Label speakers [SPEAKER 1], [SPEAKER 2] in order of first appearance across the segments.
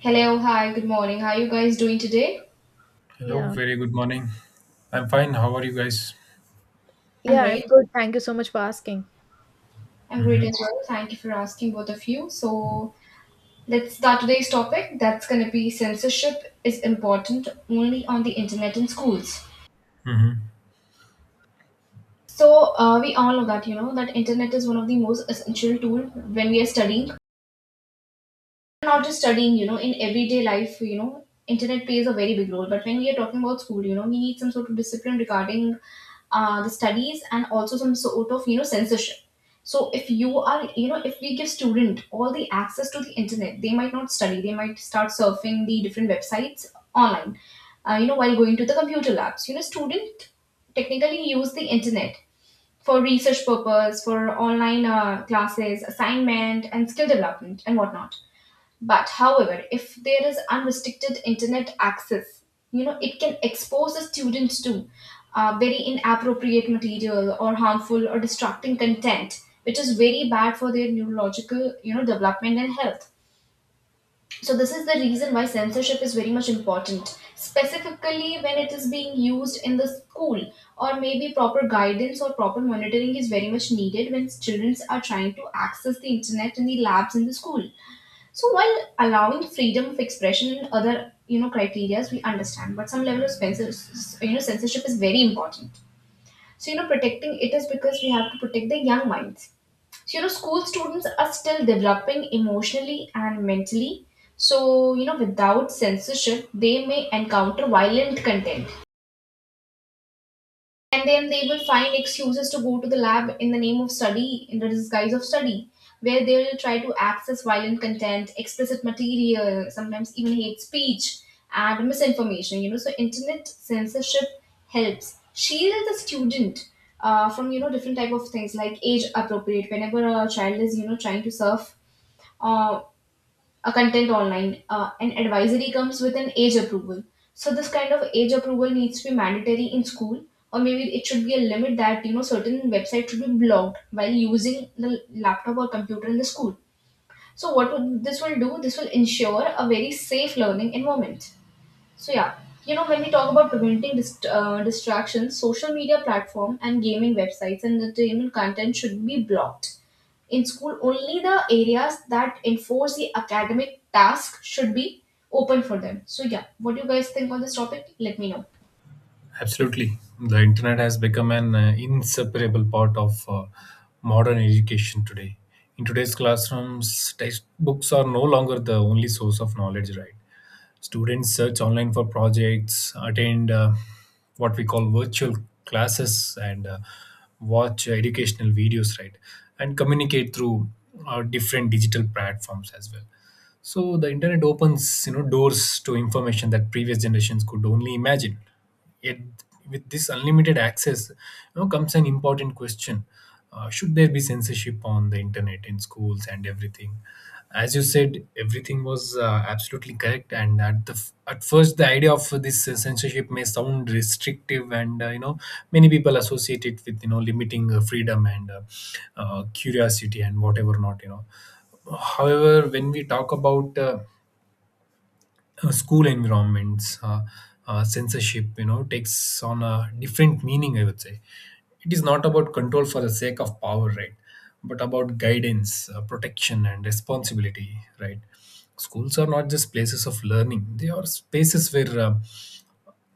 [SPEAKER 1] Hello, hi, good morning. How are you guys doing today?
[SPEAKER 2] Hello,
[SPEAKER 3] Yeah.
[SPEAKER 2] very good morning. I'm fine. How are you guys?
[SPEAKER 1] I'm
[SPEAKER 3] Yeah, I'm
[SPEAKER 1] great.
[SPEAKER 3] good. Thank you so much for asking.
[SPEAKER 1] I'm great as well. Thank you for asking, both of you. So, let's start today's topic. That's going to be censorship is important only on the internet in schools.
[SPEAKER 2] Hmm.
[SPEAKER 1] So, we all know that internet is one of the most essential tool when we are studying, not just studying, in everyday life. Internet plays a very big role. But when we are talking about school, we need some sort of discipline regarding the studies and also some sort of, censorship. So if you are, you know, if we give student all the access to the internet, they might not study. They might start surfing the different websites online, while going to the computer labs. Student technically use the internet for research purpose, for online classes, assignment, and skill development and whatnot, but however, if there is unrestricted internet access, it can expose the students to very inappropriate material or harmful or distracting content, which is very bad for their neurological, development and health. So this is the reason why censorship is very much important, specifically when it is being used in the school, or maybe proper guidance or proper monitoring is very much needed when students are trying to access the internet in the labs in the school. So while allowing freedom of expression and other criterias, we understand, but some level of censorship is very important. Protecting it is because we have to protect the young minds. School students are still developing emotionally and mentally. Without censorship, they may encounter violent content, and then they will find excuses to go to the lab in the name of study, in the disguise of study, where they will try to access violent content, explicit material, sometimes even hate speech and misinformation. So internet censorship helps shield the student from different type of things like age appropriate. Whenever a child is trying to surf uh, a content online, and advisory comes with an age approval, so this kind of age approval needs to be mandatory in school. Or maybe it should be a limit that certain websites should be blocked while using the laptop or computer in the school. So what would this will do, this will ensure a very safe learning environment. So yeah, when we talk about preventing distractions, social media platform and gaming websites and entertainment content should be blocked in school. Only the areas that enforce the academic task should be open for them. So, yeah, what do you guys think on this topic? Let me know.
[SPEAKER 2] Absolutely. The internet has become an inseparable part of modern education today. In today's classrooms, textbooks are no longer the only source of knowledge, right? Students search online for projects, attend what we call virtual classes, and watch educational videos, right? And communicate through different digital platforms as well. So the internet opens, doors to information that previous generations could only imagine. Yet, with this unlimited access, comes an important question: should there be censorship on the internet in schools and everything? As you said, everything was absolutely correct, and at first, the idea of this censorship may sound restrictive, and many people associate it with limiting freedom and curiosity and whatever not. However, when we talk about school environments, censorship, takes on a different meaning, I would say. It is not about control for the sake of power, right? But about guidance, protection, and responsibility, right? Schools are not just places of learning, they are spaces where uh,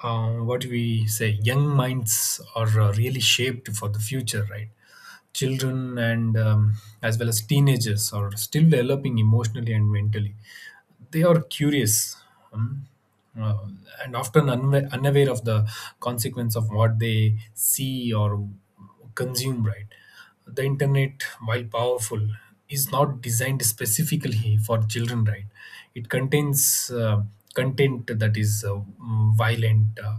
[SPEAKER 2] uh, what we say, young minds are really shaped for the future, right? Children and as well as teenagers are still developing emotionally and mentally. They are curious, um, uh, and often unaware of the consequence of what they see or consume, right? The internet, while powerful, is not designed specifically for children, right? It contains content that is violent, uh,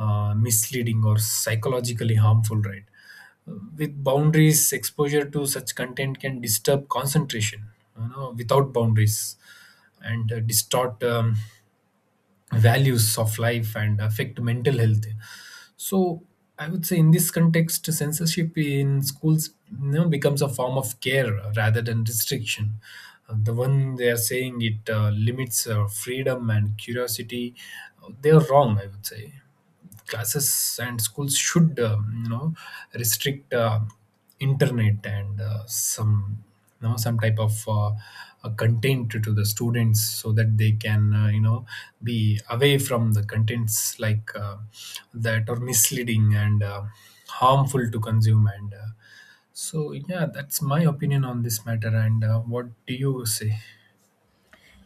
[SPEAKER 2] uh, misleading, or psychologically harmful, right? With boundaries, exposure to such content can disturb concentration. Without boundaries, and distort values of life and affect mental health. So I would say, in this context, censorship in schools, becomes a form of care rather than restriction. The one they are saying it limits freedom and curiosity, they are wrong, I would say. Classes and schools should restrict internet and some you know some type of content to the students, so that they can be away from the contents like that are misleading and harmful to consume, and so yeah, that's my opinion on this matter. And what do you say?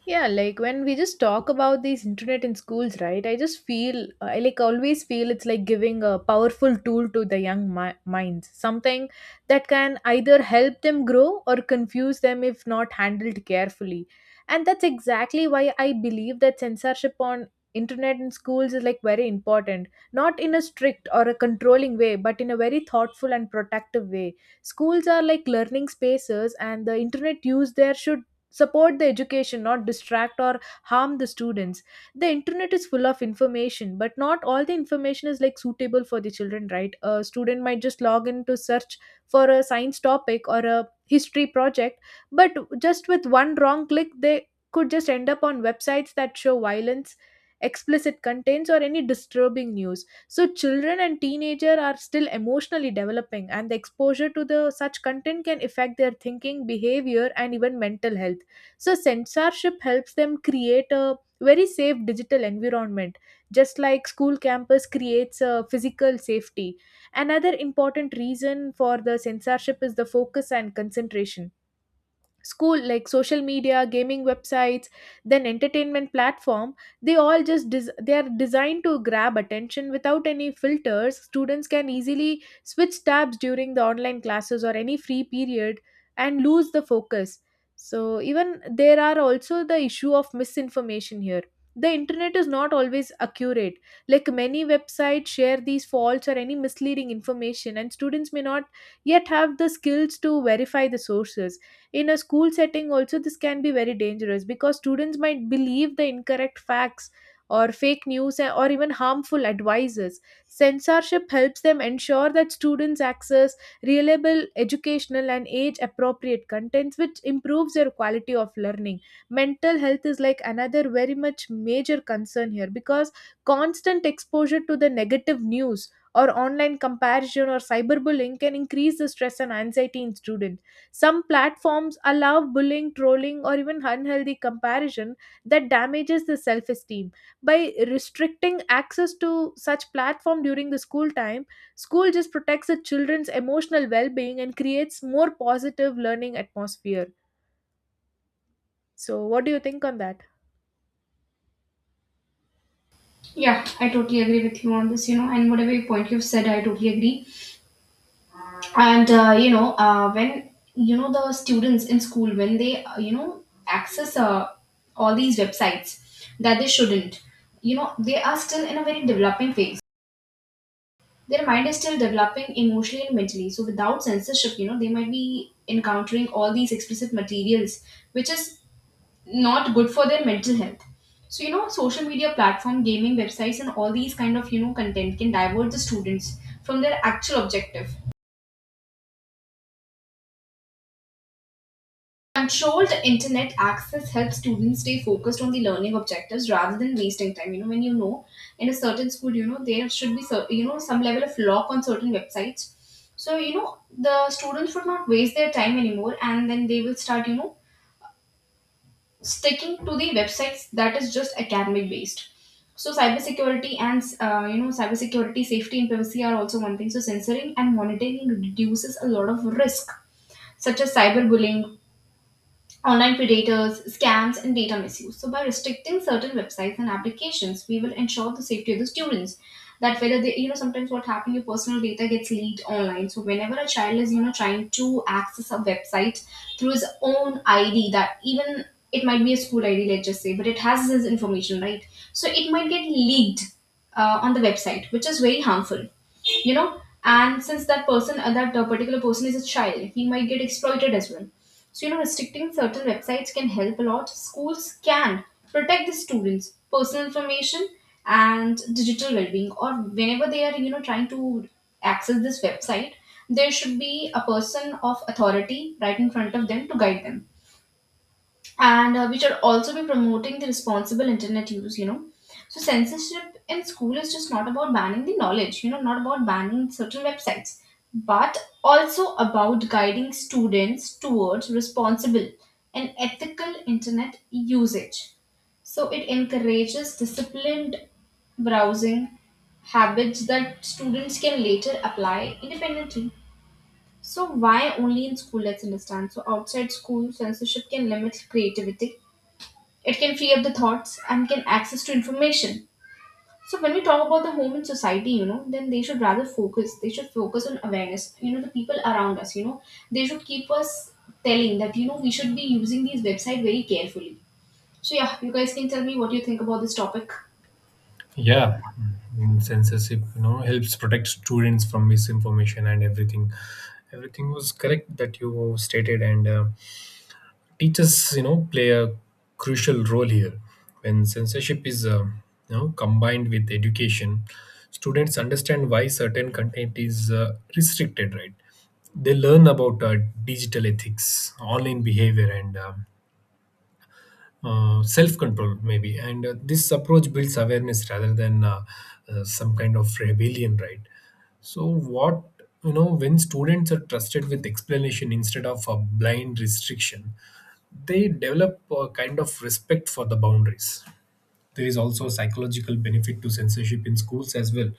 [SPEAKER 3] Yeah, like when we just talk about these internet in schools, right? I just feel, I like always feel it's like giving a powerful tool to the young minds, something that can either help them grow or confuse them if not handled carefully. And that's exactly why I believe that censorship on internet in schools is like very important, not in a strict or a controlling way, but in a very thoughtful and protective way. Schools are like learning spaces, and the internet use there should support the education, not distract or harm the students. The internet is full of information, but not all the information is like suitable for the children, right? A student might just log in to search for a science topic or a history project, but just with one wrong click they could just end up on websites that show violence, explicit contents, or any disturbing news. So children and teenager are still emotionally developing, and the exposure to the such content can affect their thinking, behavior, and even mental health. So censorship helps them create a very safe digital environment, just like school campus creates a physical safety. Another important reason for the censorship is the focus and concentration. School like social media, gaming websites, then entertainment platform, they all just they are designed to grab attention without any filters. Students can easily switch tabs during the online classes or any free period and lose the focus. So even there are also the issue of misinformation here. The internet is not always accurate. Like many websites share these false or any misleading information, and students may not yet have the skills to verify the sources. In a school setting also, this can be very dangerous because students might believe the incorrect facts or fake news, or even harmful advices. Censorship helps them ensure that students access reliable educational and age appropriate contents, which improves their quality of learning. Mental health is like another very much major concern here, because constant exposure to the negative news or online comparison or cyberbullying can increase the stress and anxiety in students. Some platforms allow bullying, trolling, or even unhealthy comparison that damages the self esteem. By restricting access to such platform during the school time, school just protects the children's emotional well being and creates more positive learning atmosphere. So, what do you think on that?
[SPEAKER 1] Yeah, I totally agree with you on this, and whatever point you've said, I totally agree. And the students in school, when they, access all these websites that they shouldn't, they are still in a very developing phase. Their mind is still developing emotionally and mentally, so without censorship, they might be encountering all these explicit materials, which is not good for their mental health. Social media platform, gaming websites, and all these kind of content can divert the students from their actual objective. Controlled internet access helps students stay focused on the learning objectives rather than wasting time. You know, when you know in a certain school, there should be, some level of lock on certain websites. So, the students would not waste their time anymore, and then they will start, sticking to the websites that is just academic based. So, cybersecurity, safety, and privacy are also one thing. So, censoring and monitoring reduces a lot of risk such as cyberbullying, online predators, scams, and data misuse. So, by restricting certain websites and applications, we will ensure the safety of the students. That whether they, sometimes what happens, your personal data gets leaked online. So, whenever a child is, trying to access a website through his own ID, that even it might be a school ID, let's just say, but it has his information, right? So, it might get leaked on the website, which is very harmful. And since that person, that particular person is a child, he might get exploited as well. Restricting certain websites can help a lot. Schools can protect the students personal information and digital well-being, or whenever they are trying to access this website, there should be a person of authority right in front of them to guide them. And we should also be promoting the responsible internet use. So censorship in school is just not about banning the knowledge, not about banning certain websites, but also about guiding students towards responsible and ethical internet usage. So it encourages disciplined browsing habits that students can later apply independently. So why only in school, let's understand. So outside school, censorship can limit creativity, it can free up the thoughts and can access to information. So when we talk about the home and society, then they should rather focus. They should focus on awareness. The people around us. They should keep us telling that we should be using these website very carefully. So yeah, you guys can tell me what you think about this topic.
[SPEAKER 2] Yeah. Censorship helps protect students from misinformation and everything. Everything was correct that you stated, and teachers play a crucial role here. When censorship is combined with education, students understand why certain content is restricted, right? They learn about digital ethics, online behavior, and self control, maybe. And this approach builds awareness rather than some kind of rebellion, right? So, when students are trusted with explanation instead of a blind restriction, they develop a kind of respect for the boundaries. There is also a psychological benefit to censorship in schools as well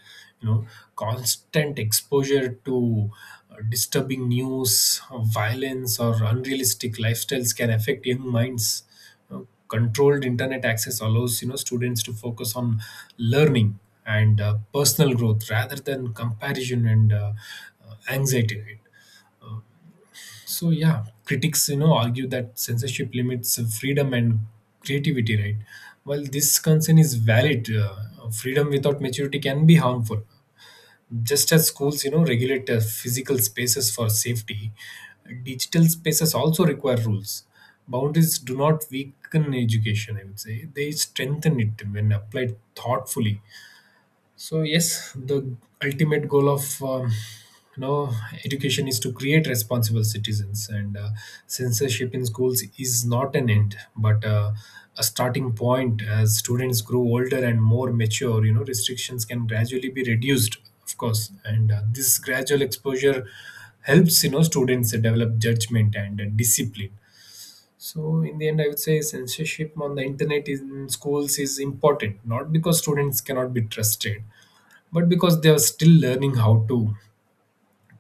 [SPEAKER 2] you know constant exposure to disturbing news, violence, or unrealistic lifestyles can affect young minds. You know, controlled internet access allows students to focus on learning and personal growth rather than comparison and anxiety, right? So yeah, critics argue that censorship limits freedom and creativity, right? While this concern is valid, freedom without maturity can be harmful. Just as schools regulate physical spaces for safety, digital spaces also require rules. Boundaries do not weaken education. I would say they strengthen it when applied thoughtfully. So yes, the ultimate goal of you know education is to create responsible citizens, and censorship in schools is not an end, but a starting point. As students grow older and more mature, restrictions can gradually be reduced, of course, and this gradual exposure helps students develop judgment and discipline. So in the end, I would say censorship on the internet in schools is important, not because students cannot be trusted, but because they are still learning how to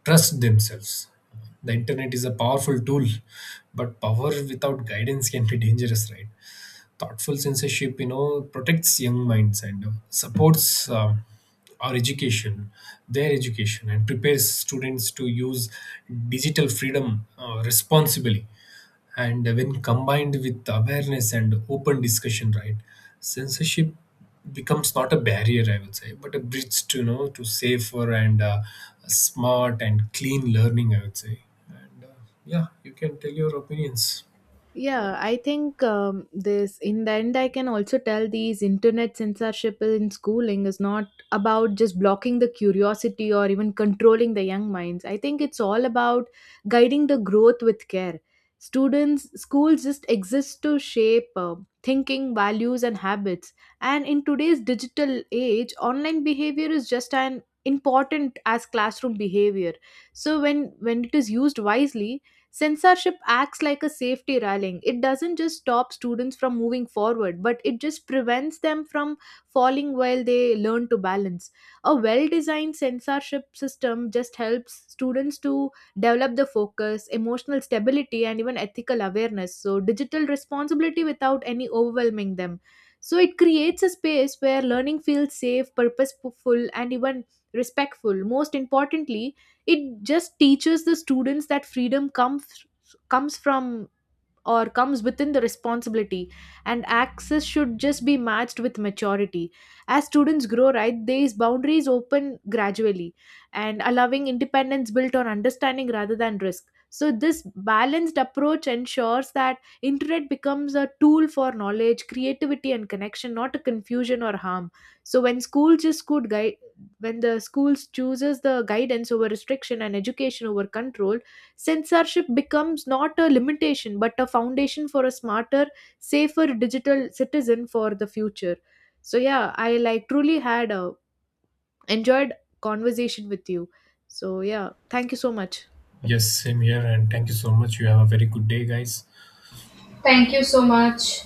[SPEAKER 2] trust themselves. The internet is a powerful tool, but power without guidance can be dangerous, right? Thoughtful censorship, protects young minds and supports our education, their education, and prepares students to use digital freedom responsibly. And when combined with awareness and open discussion, right? Censorship becomes not a barrier, I would say, but a bridge to you know to safer and smart and clean learning, I would say. And yeah, you can tell your opinions.
[SPEAKER 3] Yeah, I think this, in the end, I can also tell these internet censorship in schooling is not about just blocking the curiosity or even controlling the young minds. I think it's all about guiding the growth with care. Students, schools just exist to shape thinking, values, and habits. And in today's digital age, online behavior is just an important as classroom behavior. So when it is used wisely, censorship acts like a safety railing. It doesn't just stop students from moving forward, but it just prevents them from falling while they learn to balance. A well designed censorship system just helps students to develop the focus, emotional stability, and even ethical awareness. So, digital responsibility without any overwhelming them. So, it creates a space where learning feels safe, purposeful, and even respectful. Most importantly, it just teaches the students that freedom comes comes from or comes within the responsibility, and access should just be matched with maturity. As students grow, right, these boundaries open gradually, and allowing independence built on understanding rather than risk. So this balanced approach ensures that internet becomes a tool for knowledge, creativity, and connection, not a confusion or harm. So when schools just could guide when the schools chooses the guidance over restriction and education over control, censorship becomes not a limitation but a foundation for a smarter, safer digital citizen for the future. So yeah, I like truly had a enjoyed conversation with you. So yeah, thank you so much.
[SPEAKER 2] Yes, same here, and thank you so much. You have a very good day, guys.
[SPEAKER 1] Thank you so much.